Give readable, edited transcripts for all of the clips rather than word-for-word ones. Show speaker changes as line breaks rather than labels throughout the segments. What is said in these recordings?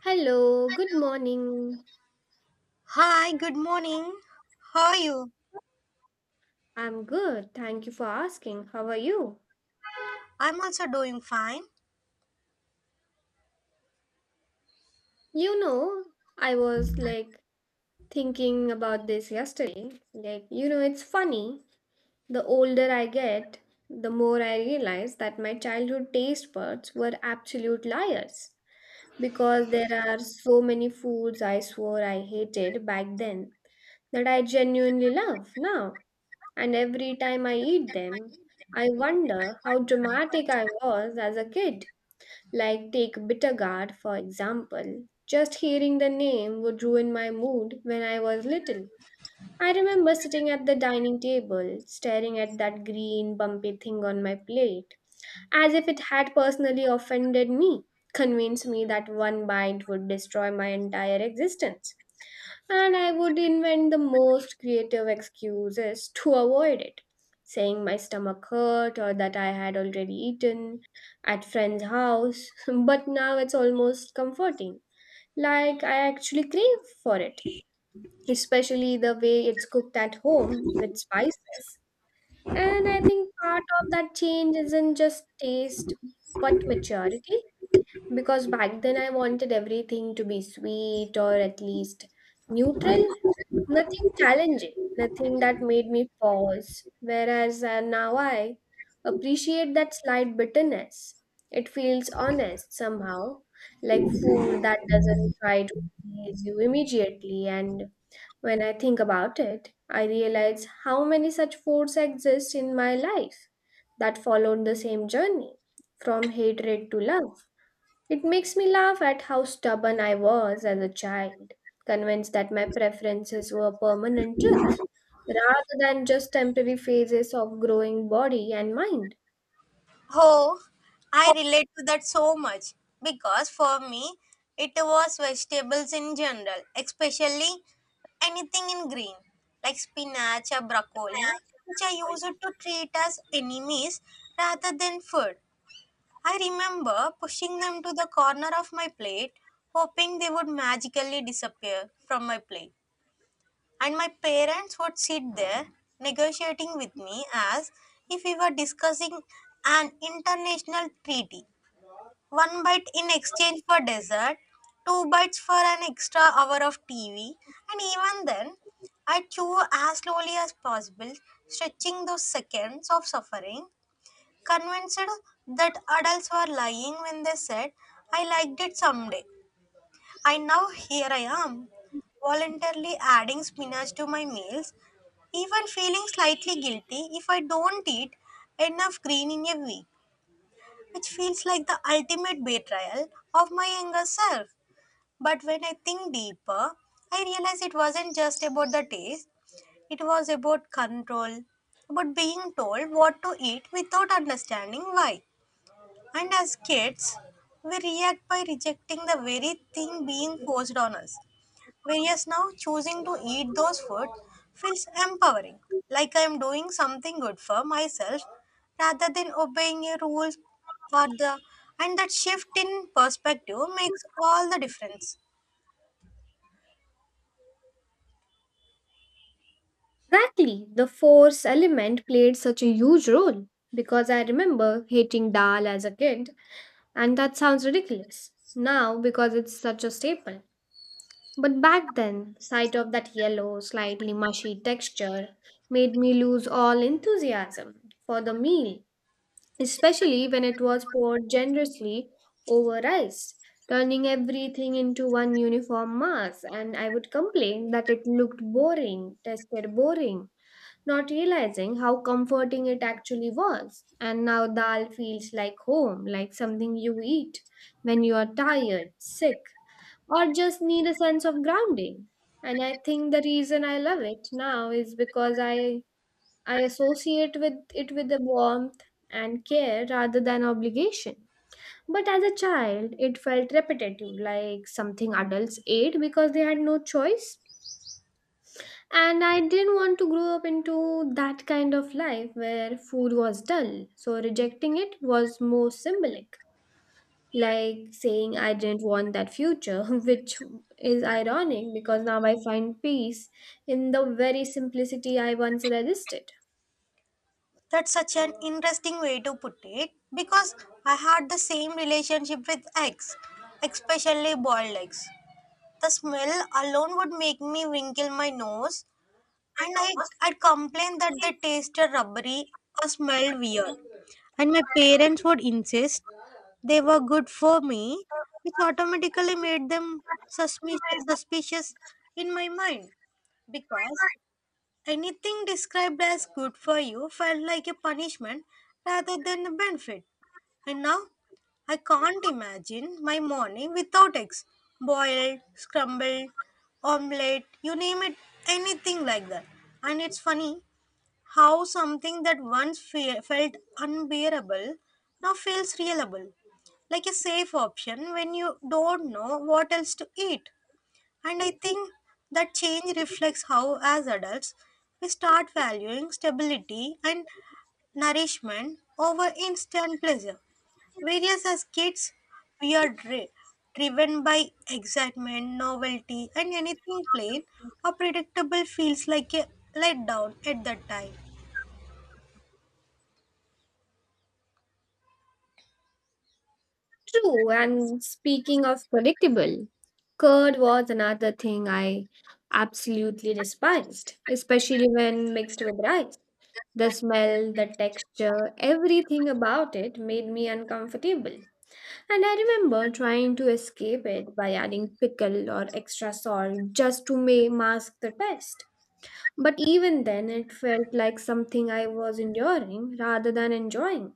Hello, good morning.
Hi, good morning. How are you?
I'm good. Thank you for asking. How are you?
I'm also doing fine.
You know, I was like thinking about this yesterday. Like, you know, it's funny. The older I get, the more I realize that my childhood taste buds were absolute liars because there are so many foods I swore I hated back then that I genuinely love now. And every time I eat them, I wonder how dramatic I was as a kid. Like, take Bittergaard, for example. Just hearing the name would ruin my mood when I was little. I remember sitting at the dining table, staring at that green, bumpy thing on my plate as if it had personally offended me, convinced me that one bite would destroy my entire existence. And I would invent the most creative excuses to avoid it, saying my stomach hurt or that I had already eaten at friend's house, but now it's almost comforting. Like I actually crave for it, especially the way it's cooked at home with spices. And I think part of that change isn't just taste, but maturity. Because back then I wanted everything to be sweet or at least neutral, nothing challenging, nothing that made me pause. Whereas now I appreciate that slight bitterness. It feels honest somehow, like food that doesn't try to please you immediately. And when I think about it, I realize how many such forts exist in my life that followed the same journey from hatred to love. It makes me laugh at how stubborn I was as a child, convinced that my preferences were permanent truth rather than just temporary phases of growing body and mind.
Oh, I relate to that so much because for me, it was vegetables in general, especially anything in green, like spinach or broccoli, which I used to treat as enemies rather than food. I remember pushing them to the corner of my plate, hoping they would magically disappear from my plate. And my parents would sit there negotiating with me as if we were discussing an international treaty. One bite in exchange for dessert, two bites for an extra hour of TV, and even then, I chew as slowly as possible, stretching those seconds of suffering, convinced that adults were lying when they said, I liked it someday. And now here I am, voluntarily adding spinach to my meals, even feeling slightly guilty if I don't eat enough green in a week, which feels like the ultimate betrayal of my younger self. But when I think deeper, I realize it wasn't just about the taste, it was about control, about being told what to eat without understanding why. And as kids, we react by rejecting the very thing being forced on us. Whereas now choosing to eat those food feels empowering, like I am doing something good for myself rather than obeying a rule or the, and that shift in perspective makes all the difference.
Exactly, the force element played such a huge role because I remember hating dal as a kid. And that sounds ridiculous now because it's such a staple. But back then, sight of that yellow, slightly mushy texture made me lose all enthusiasm for the meal, especially when it was poured generously over rice, turning everything into one uniform mass, and I would complain that it looked boring, tasted boring, not realizing how comforting it actually was. And now dal feels like home, like something you eat when you are tired, sick, or just need a sense of grounding. And I think the reason I love it now is because I associate with it with the warmth and care rather than obligation. But as a child, it felt repetitive, like something adults ate because they had no choice and I didn't want to grow up into that kind of life where food was dull, so rejecting it was more symbolic. Like saying I didn't want that future, which is ironic because now I find peace in the very simplicity I once resisted.
That's such an interesting way to put it because I had the same relationship with eggs, especially boiled eggs. The smell alone would make me wrinkle my nose. And I, I'd complain that they tasted rubbery or smelled weird. And my parents would insist they were good for me, which automatically made them suspicious in my mind. Because anything described as good for you felt like a punishment rather than a benefit. And now I can't imagine my morning without eggs. Boiled, scrambled, omelette, you name it, anything like that. And it's funny how something that once felt unbearable now feels reliable, like a safe option when you don't know what else to eat. And I think that change reflects how, as adults, we start valuing stability and nourishment over instant pleasure. Whereas as kids, we are driven by excitement, novelty, and anything plain or predictable feels like a letdown at that time.
True, and speaking of predictable, curd was another thing I absolutely despised, especially when mixed with rice. The smell, the texture, everything about it made me uncomfortable. And I remember trying to escape it by adding pickle or extra salt just to mask the taste. But even then, it felt like something I was enduring rather than enjoying.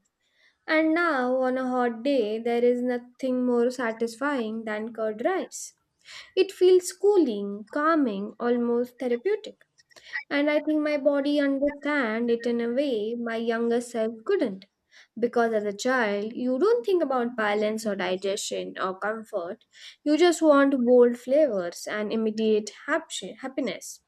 And now, on a hot day, there is nothing more satisfying than curd rice. It feels cooling, calming, almost therapeutic. And I think my body understand it in a way my younger self couldn't. Because as a child, you don't think about balance or digestion or comfort. You just want bold flavors and immediate happiness.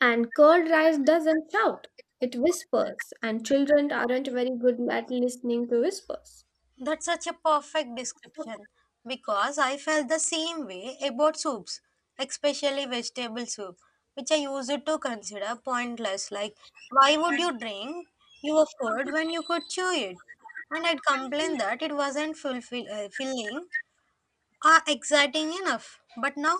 And curd rice doesn't shout, it whispers, and children aren't very good at listening to whispers.
That's such a perfect description because I felt the same way about soups, especially vegetable soup, which I used to consider pointless. Like, why would you drink your food when you could chew it? And I'd complain that it wasn't filling are exciting enough, but now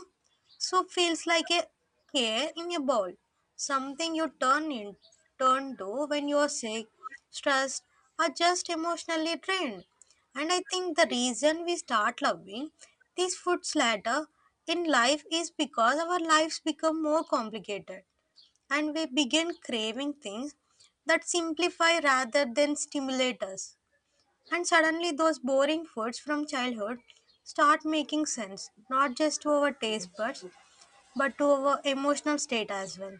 soup feels like a care in a bowl, something you turn to when you are sick, stressed, or just emotionally drained. And I think the reason we start loving these foods later in life is because our lives become more complicated and we begin craving things that simplify rather than stimulate us. And suddenly, those boring foods from childhood start making sense, not just to our taste buds, but to our emotional state as well.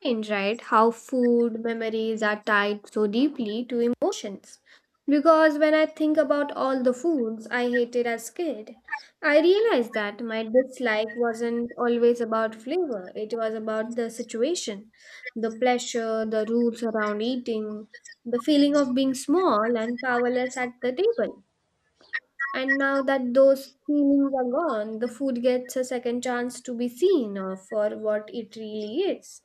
Strange, right? How food memories are tied so deeply to emotions. Because when I think about all the foods I hated as kid, I realized that my dislike wasn't always about flavor. It was about the situation, the pleasure, the rules around eating, the feeling of being small and powerless at the table. And now that those feelings are gone, the food gets a second chance to be seen for what it really is.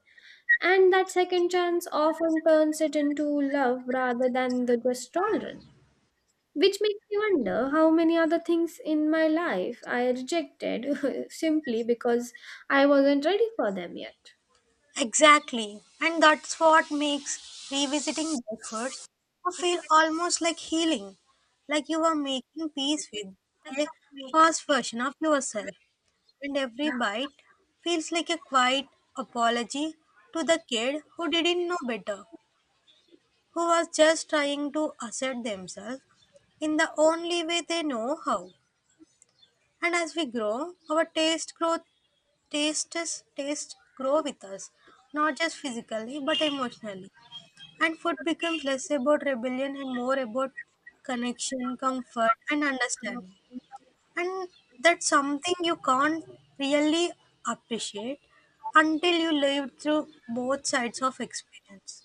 And that second chance often turns it into love rather than the just tolerance. Which makes me wonder how many other things in my life I rejected simply because I wasn't ready for them yet.
Exactly. And that's what makes revisiting those foods feel almost like healing, like you are making peace with a past version of yourself. And every bite feels like a quiet apology to the kid who didn't know better, who was just trying to assert themselves in the only way they know how. And as we grow, our taste grow tastes taste grow with us, not just physically but emotionally. And food becomes less about rebellion and more about connection, comfort, and understanding. And that's something you can't really appreciate until you live through both sides of experience.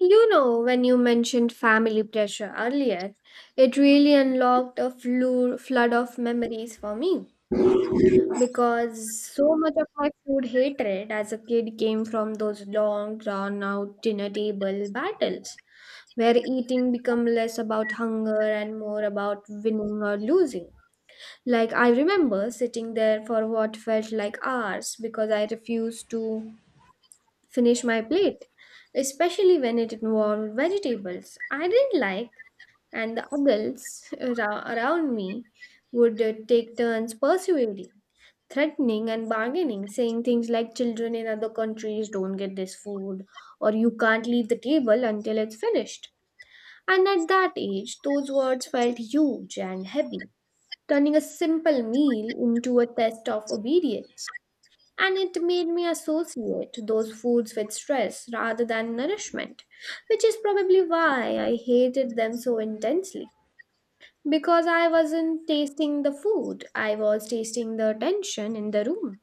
You know, when you mentioned family pressure earlier, it really unlocked a flood of memories for me. Because so much of my food hatred as a kid came from those long drawn out dinner table battles where eating became less about hunger and more about winning or losing. Like I remember sitting there for what felt like hours because I refused to finish my plate, especially when it involved vegetables I didn't like. And the adults around me would take turns persuading, threatening, and bargaining, saying things like children in other countries don't get this food, or you can't leave the table until it's finished. And at that age, those words felt huge and heavy, turning a simple meal into a test of obedience. And it made me associate those foods with stress rather than nourishment, which is probably why I hated them so intensely. Because I wasn't tasting the food, I was tasting the tension in the room,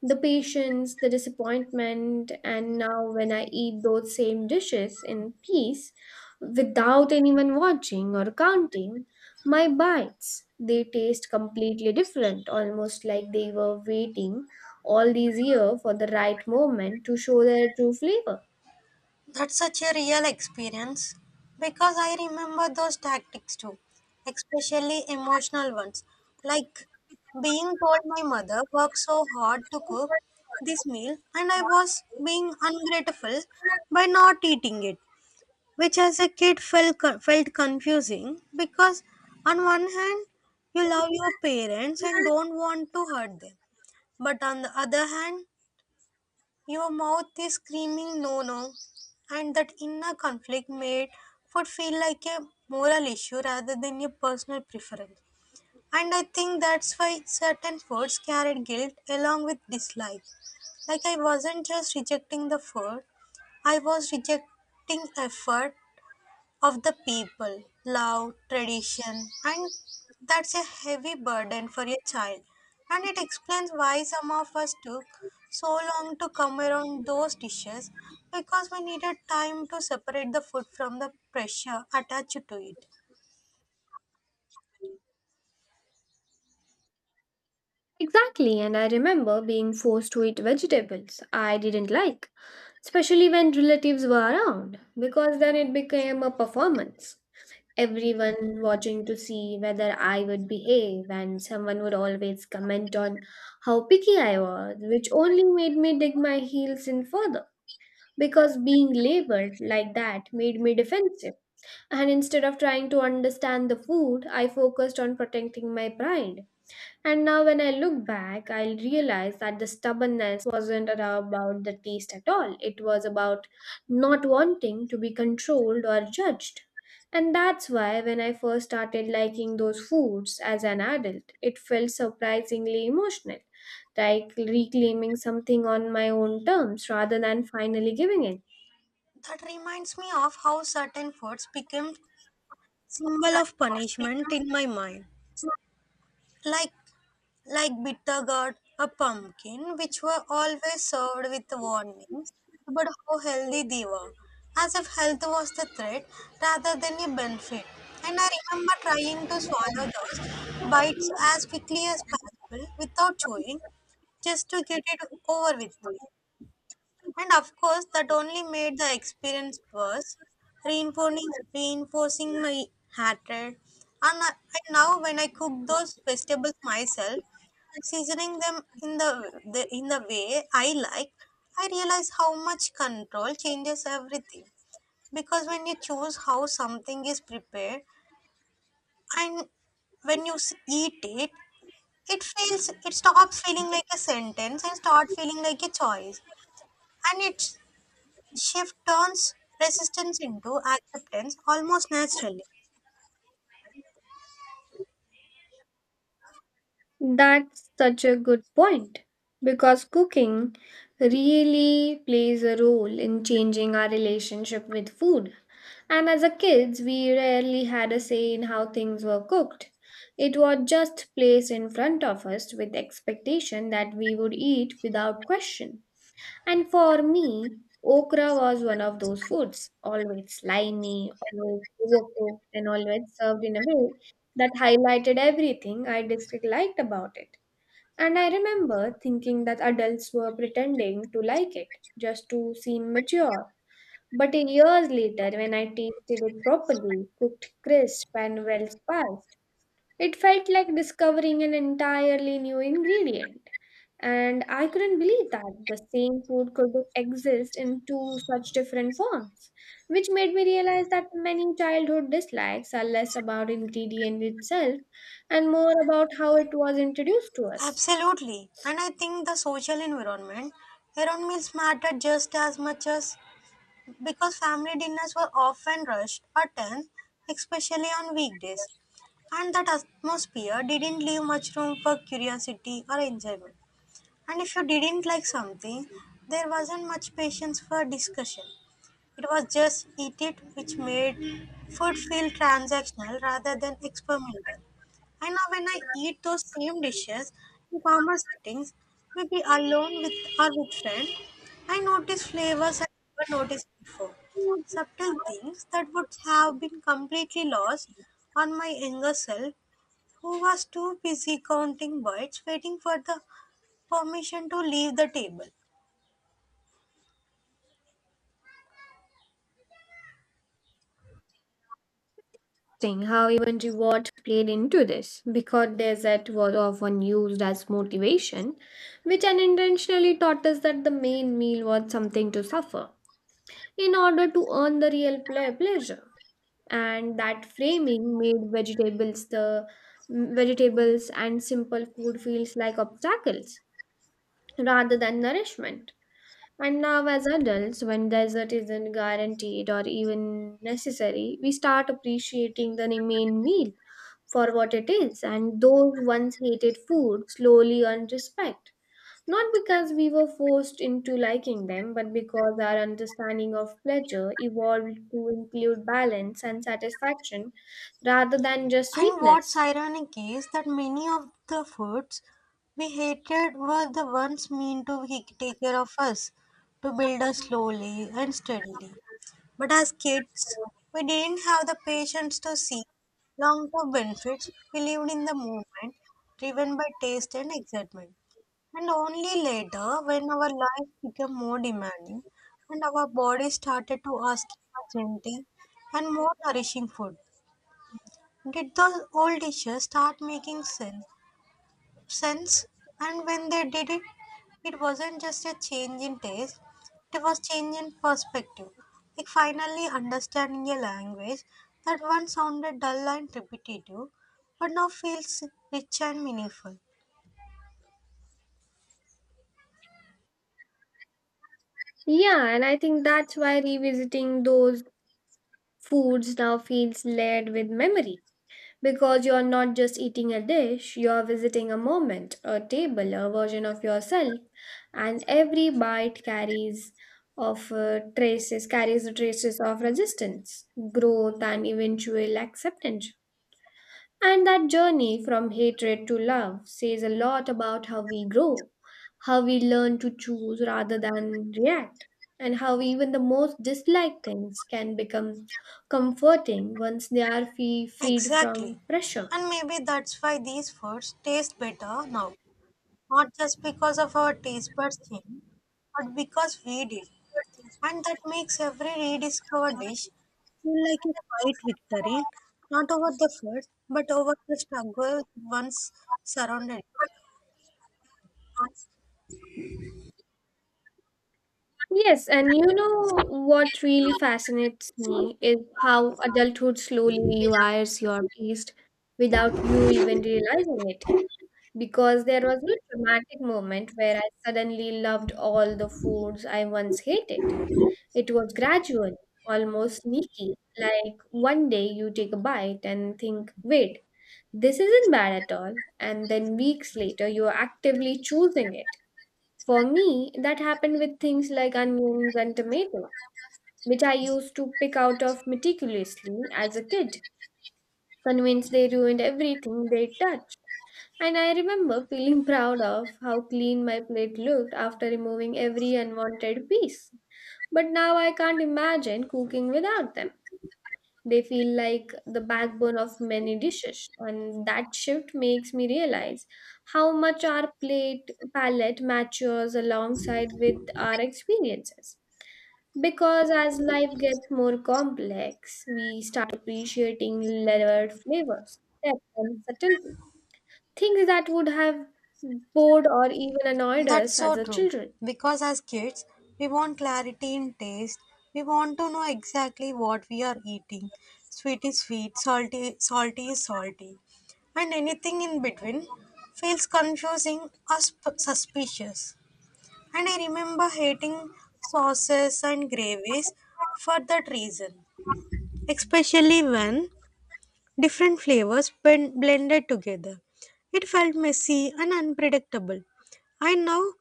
the patience, the disappointment. And now, when I eat those same dishes in peace, without anyone watching or counting, my bites, they taste completely different, almost like they were waiting all these years for the right moment to show their true flavor.
That's such a real experience because I remember those tactics too, especially emotional ones. Like being told my mother worked so hard to cook this meal and I was being ungrateful by not eating it, which as a kid felt confusing because on one hand, you love your parents and don't want to hurt them, but on the other hand, your mouth is screaming no, no. And that inner conflict made food feel like a moral issue rather than a personal preference. And I think that's why certain foods carried guilt along with dislike. Like I wasn't just rejecting the food, I was rejecting effort of the people, love, tradition, and that's a heavy burden for a child. And it explains why some of us took so long to come around those dishes because we needed time to separate the food from the pressure attached to it.
Exactly, and I remember being forced to eat vegetables I didn't like, especially when relatives were around, because then it became a performance. Everyone watching to see whether I would behave, and someone would always comment on how picky I was, which only made me dig my heels in further. Because being labeled like that made me defensive, and instead of trying to understand the food, I focused on protecting my pride. And now, when I look back, I realize that the stubbornness wasn't at all about the taste at all. It was about not wanting to be controlled or judged. And that's why, when I first started liking those foods as an adult, it felt surprisingly emotional, like reclaiming something on my own terms rather than finally giving it.
That reminds me of how certain foods became symbol of punishment in my mind. Like like bitter gourd or pumpkin, which were always served with warnings about how healthy they were, as if health was the threat rather than a benefit. And I remember trying to swallow those bites as quickly as possible without chewing, just to get it over with. And of course, that only made the experience worse, reinforcing my hatred. And now, when I cook those vegetables myself, seasoning them in the way I like, I realize how much control changes everything. Because when you choose how something is prepared and when you eat it, it feels it stops feeling like a sentence and start feeling like a choice, and it shift turns resistance into acceptance almost naturally.
That's such a good point because cooking really plays a role in changing our relationship with food. And as a kids, we rarely had a say in how things were cooked. It was just placed in front of us with expectation that we would eat without question. And for me, okra was one of those foods, always slimy, always overcooked, and always served in a way that highlighted everything I disliked about it. And I remember thinking that adults were pretending to like it just to seem mature. But years later, when I tasted it properly, cooked crisp and well spiced, it felt like discovering an entirely new ingredient. And I couldn't believe that the same food could exist in two such different forms, which made me realize that many childhood dislikes are less about ingredient itself and more about how it was introduced to us.
Absolutely, and I think the social environment around meals matter just as much as because family dinners were often rushed or tense, especially on weekdays, and that atmosphere didn't leave much room for curiosity or enjoyment. And if you didn't like something, there wasn't much patience for discussion. It was just eat it, which made food feel transactional rather than experimental. And now, when I eat those same dishes in calmer settings, maybe alone with or with friends, I notice flavors I never noticed before. Subtle things that would have been completely lost on my younger self, who was too busy counting bites, waiting for the permission to leave the table.
Seeing how even reward played into this, because dessert was often used as motivation, which unintentionally taught us that the main meal was something to suffer in order to earn the real pleasure. And that framing made vegetables the vegetables and simple food feels like obstacles rather than nourishment. And now as adults, when dessert isn't guaranteed or even necessary, we start appreciating the main meal for what it is, and those once hated food slowly earn respect, not because we were forced into liking them, but because our understanding of pleasure evolved to include balance and satisfaction rather than just
And what's
sweetness.
ironic is that many of the foods we hated were the ones meant to take care of us, to build us slowly and steadily. But as kids, we didn't have the patience to see long term benefits. We lived in the moment, driven by taste and excitement. And only later, when our life became more demanding and our body started to ask for gentle and more nourishing food, did the old dishes start making sense. And when they did it, it wasn't just a change in taste, it was change in perspective. Like finally understanding a language that once sounded dull and repetitive, but now feels rich and meaningful.
Yeah, and I think that's why revisiting those foods now feels layered with memory. Because you're not just eating a dish, you're visiting a moment, a table, a version of yourself, and every bite carries the traces of resistance, growth, and eventual acceptance. And that journey from hatred to love says a lot about how we grow, how we learn to choose rather than react, and how even the most disliked things can become comforting once they are freed
Exactly.
from pressure.
And maybe that's why these foods taste better now. Not just because of our taste buds change, but because we did. And that makes every rediscovered dish feel like a quiet victory, not over the food, but over the struggle once surrounded.
Yes, and you know what really fascinates me is how adulthood slowly rewires your taste without you even realizing it. Because there was no dramatic moment where I suddenly loved all the foods I once hated. It was gradual, almost sneaky. Like one day you take a bite and think, wait, this isn't bad at all. And then weeks later, you're actively choosing it. For me, that happened with things like onions and tomatoes which I used to pick out of meticulously as a kid, convinced they ruined everything they touched. And I remember feeling proud of how clean my plate looked after removing every unwanted piece. But now I can't imagine cooking without them. They feel like the backbone of many dishes, and that shift makes me realize how much our plate palette matures alongside with our experiences. Because as life gets more complex, we start appreciating layered flavors, depth, and subtlety. Things that would have bored or even annoyed
That's
us as
so
a
true.
children.
Because as kids, we want clarity in taste. We want to know exactly what we are eating. Sweet is sweet, salty is salty. And anything in between feels confusing or suspicious. And I remember hating sauces and gravies for that reason, especially when different flavors blended together. It felt messy and unpredictable. I know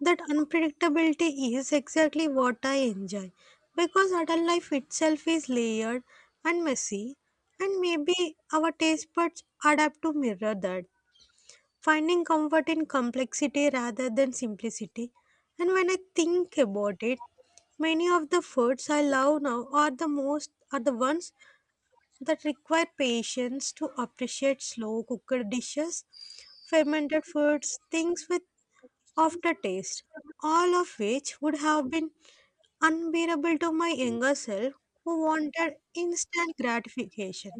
that unpredictability is exactly what I enjoy because adult life itself is layered and messy, and maybe our taste buds adapt to mirror that, finding comfort in complexity rather than simplicity. And when I think about it, many of the foods I love now are the most are the ones that require patience to appreciate slow cooked dishes, fermented foods, things with aftertaste, all of which would have been unbearable to my younger self who wanted instant gratification.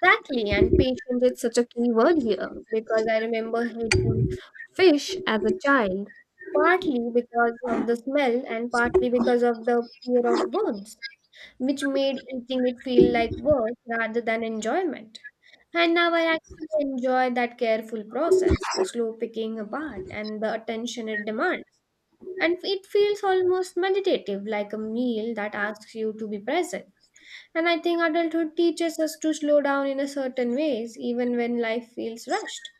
Exactly, and patient is such a key word here because I remember hating fish as a child, partly because of the smell and partly because of the fear of birds, which made eating it feel like work rather than enjoyment. And now I actually enjoy that careful process, the slow picking apart, and the attention it demands. And it feels almost meditative, like a meal that asks you to be present. And I think adulthood teaches us to slow down in a certain ways, even when life feels rushed.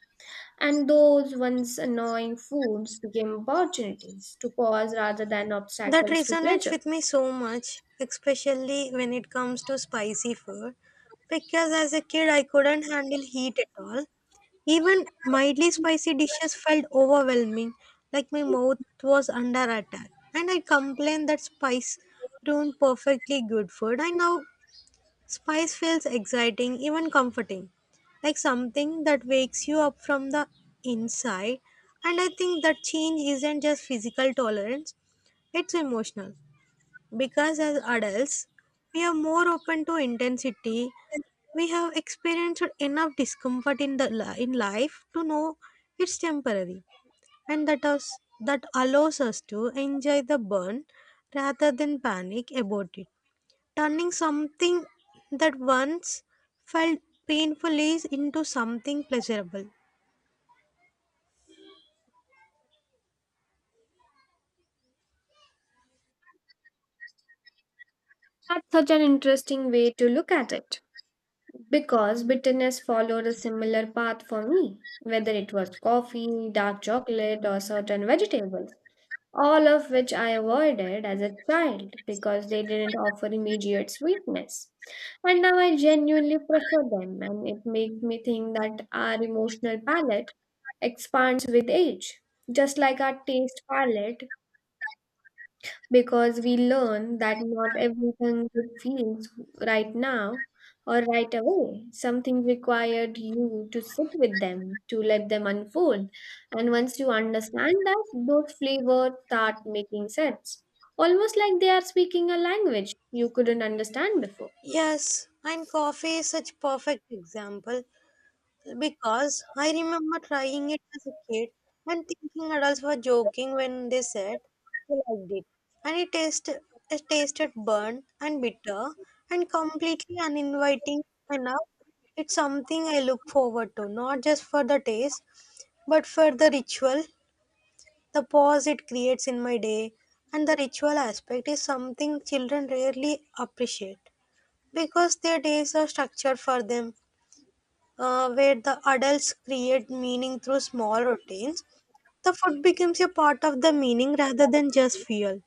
And those once annoying foods became opportunities to pause rather than
That
obstacles to
resonates
pleasure.
with me so much, especially when it comes to spicy food. Because as a kid, I couldn't handle heat at all. Even mildly spicy dishes felt overwhelming, like my mouth was under attack. And I complained that spice ruined perfectly good food. I now spice feels exciting, even comforting, like something that wakes you up from the inside. And I think that change isn't just physical tolerance, it's emotional. Because as adults, we are more open to intensity. We have experienced enough discomfort in the li- in life to know it's temporary, and that allows us to enjoy the burn rather than panic about it. Turning something that once felt painful is into something pleasurable.
That's such an interesting way to look at it because bitterness followed a similar path for me, whether it was coffee, dark chocolate, or certain vegetables. All of which I avoided as a child because they didn't offer immediate sweetness. And now I genuinely prefer them, and it makes me think that our emotional palate expands with age, just like our taste palette because we learn that not everything good feels right now or right away. Some things required you to sit with them, to let them unfold. And once you understand that, those flavors start making sense, almost like they are speaking a language you couldn't understand before.
Yes, and coffee is such perfect example. Because I remember trying it as a kid and thinking adults were joking when they said they liked it. And it tasted burnt and bitter and completely uninviting enough. It's something I look forward to, not just for the taste, but for the ritual, the pause it creates in my day. And the ritual aspect is something children rarely appreciate because their days are structured for them where the adults create meaning through small routines, the food becomes a part of the meaning rather than just fuel.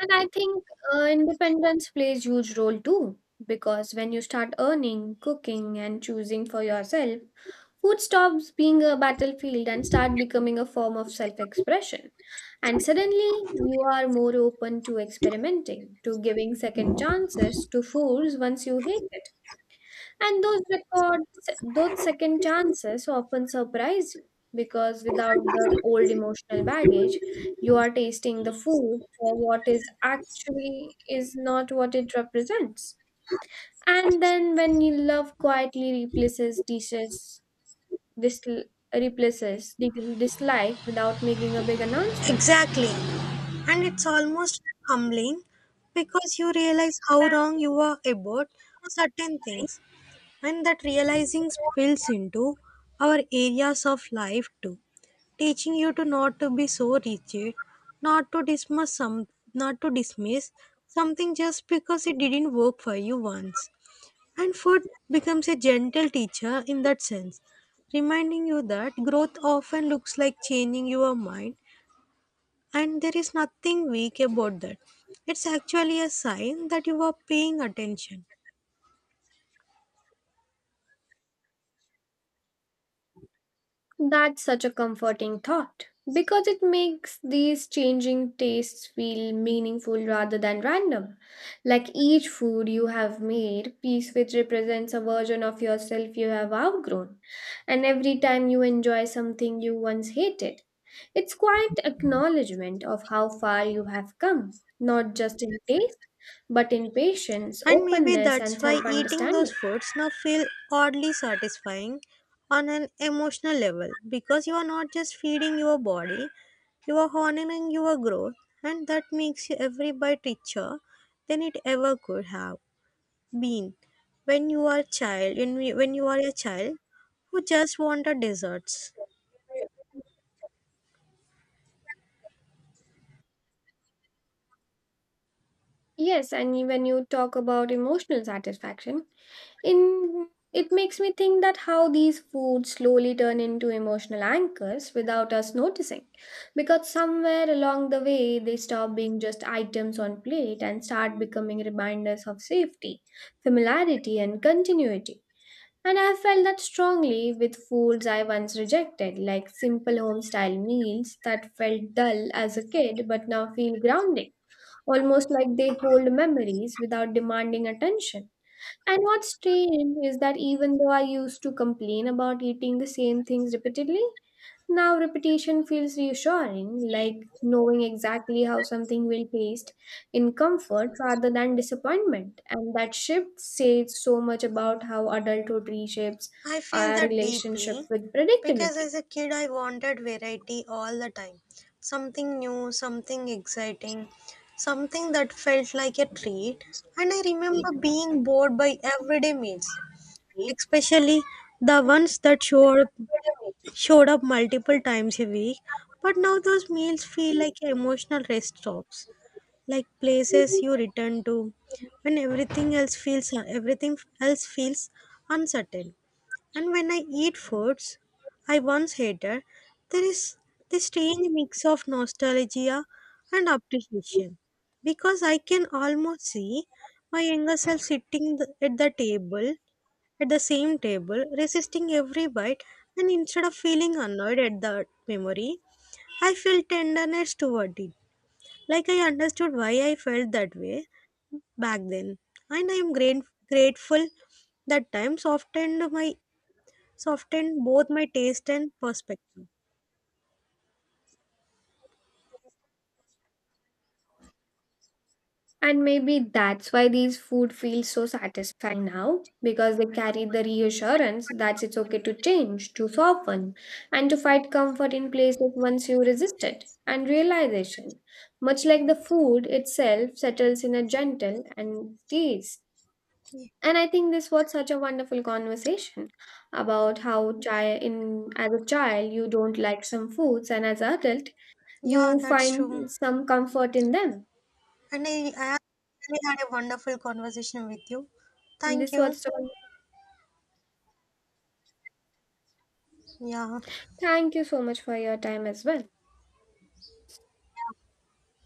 And I think independence plays huge role too, because when you start earning, cooking, and choosing for yourself, food stops being a battlefield and start becoming a form of self-expression. And suddenly, you are more open to experimenting, to giving second chances to foods once you hate it. And those records, those second chances often surprise you because without the old emotional baggage, you are tasting the food for what is actually is not what it represents. And then when you love quietly replaces dishes, dis- replaces dislike without making a big announcement.
Exactly. And it's almost humbling because you realize how wrong
Exactly.
you are about certain things. And that realizing spills into our areas of life too, teaching you to not to be so rigid, not to dismiss some not to dismiss something just because it didn't work for you once. And food becomes a gentle teacher in that sense, reminding you that growth often looks like changing your mind, and there is nothing weak about that. It's actually a sign that you are paying attention.
That's such a comforting thought because it makes these changing tastes feel meaningful rather than random. Like each food you have made, piece which represents a version of yourself you have outgrown, and every time you enjoy something you once hated. It's quite acknowledgement of how far you have come, not just in taste, but in patience,
And maybe
openness, and
that's why
self
eating those
understanding.
foods now feel oddly satisfying on an emotional level because you are not just feeding your body, you are honoring your growth, and that makes you every bite richer than it ever could have been. When you are a child who just wanted desserts.
Yes, and when you talk about emotional satisfaction, in it makes me think that how these foods slowly turn into emotional anchors without us noticing. Because somewhere along the way, they stop being just items on plate and start becoming reminders of safety, familiarity, and continuity. And I felt that strongly with foods I once rejected, like simple home style meals that felt dull as a kid but now feel grounding almost like they hold memories without demanding attention. And what's strange is that even though I used to complain about eating the same things repeatedly, now repetition feels reassuring, like knowing exactly how something will taste in comfort rather than disappointment. And that shift says so much about how adulthood reshapes
I feel
our
that
relationship
deeply
with
because
predictability.
as a kid I wanted variety all the time. Something new, something exciting, something that felt like a treat. And I remember being bored by everyday meals, especially the ones that showed up multiple times a week, but now those meals feel like emotional rest stops, like places you return to when everything else feels uncertain. And when I eat foods I once hated, there is this strange mix of nostalgia and appreciation because I can almost see my younger self sitting at the table, at the same table, resisting every bite, and instead of feeling annoyed at the memory, I feel tenderness toward it, like I understood why I felt that way back then, and I am grateful that time softened my softened both my taste and perspective.
And maybe that's why these food feels so satisfying now because they carry the reassurance that it's okay to change, to soften, and to find comfort in places once you resist it. And realization, much like the food itself, settles in a gentle and peace.
Ye-
And I think this was such a wonderful conversation about how chi- in as a child you don't like some foods and as an adult
Yeah,
you
that's true.
find some comfort in them.
And I actually had a wonderful conversation with you. Thank
This was
you.
so.
Yeah.
Thank you so much for your time as well.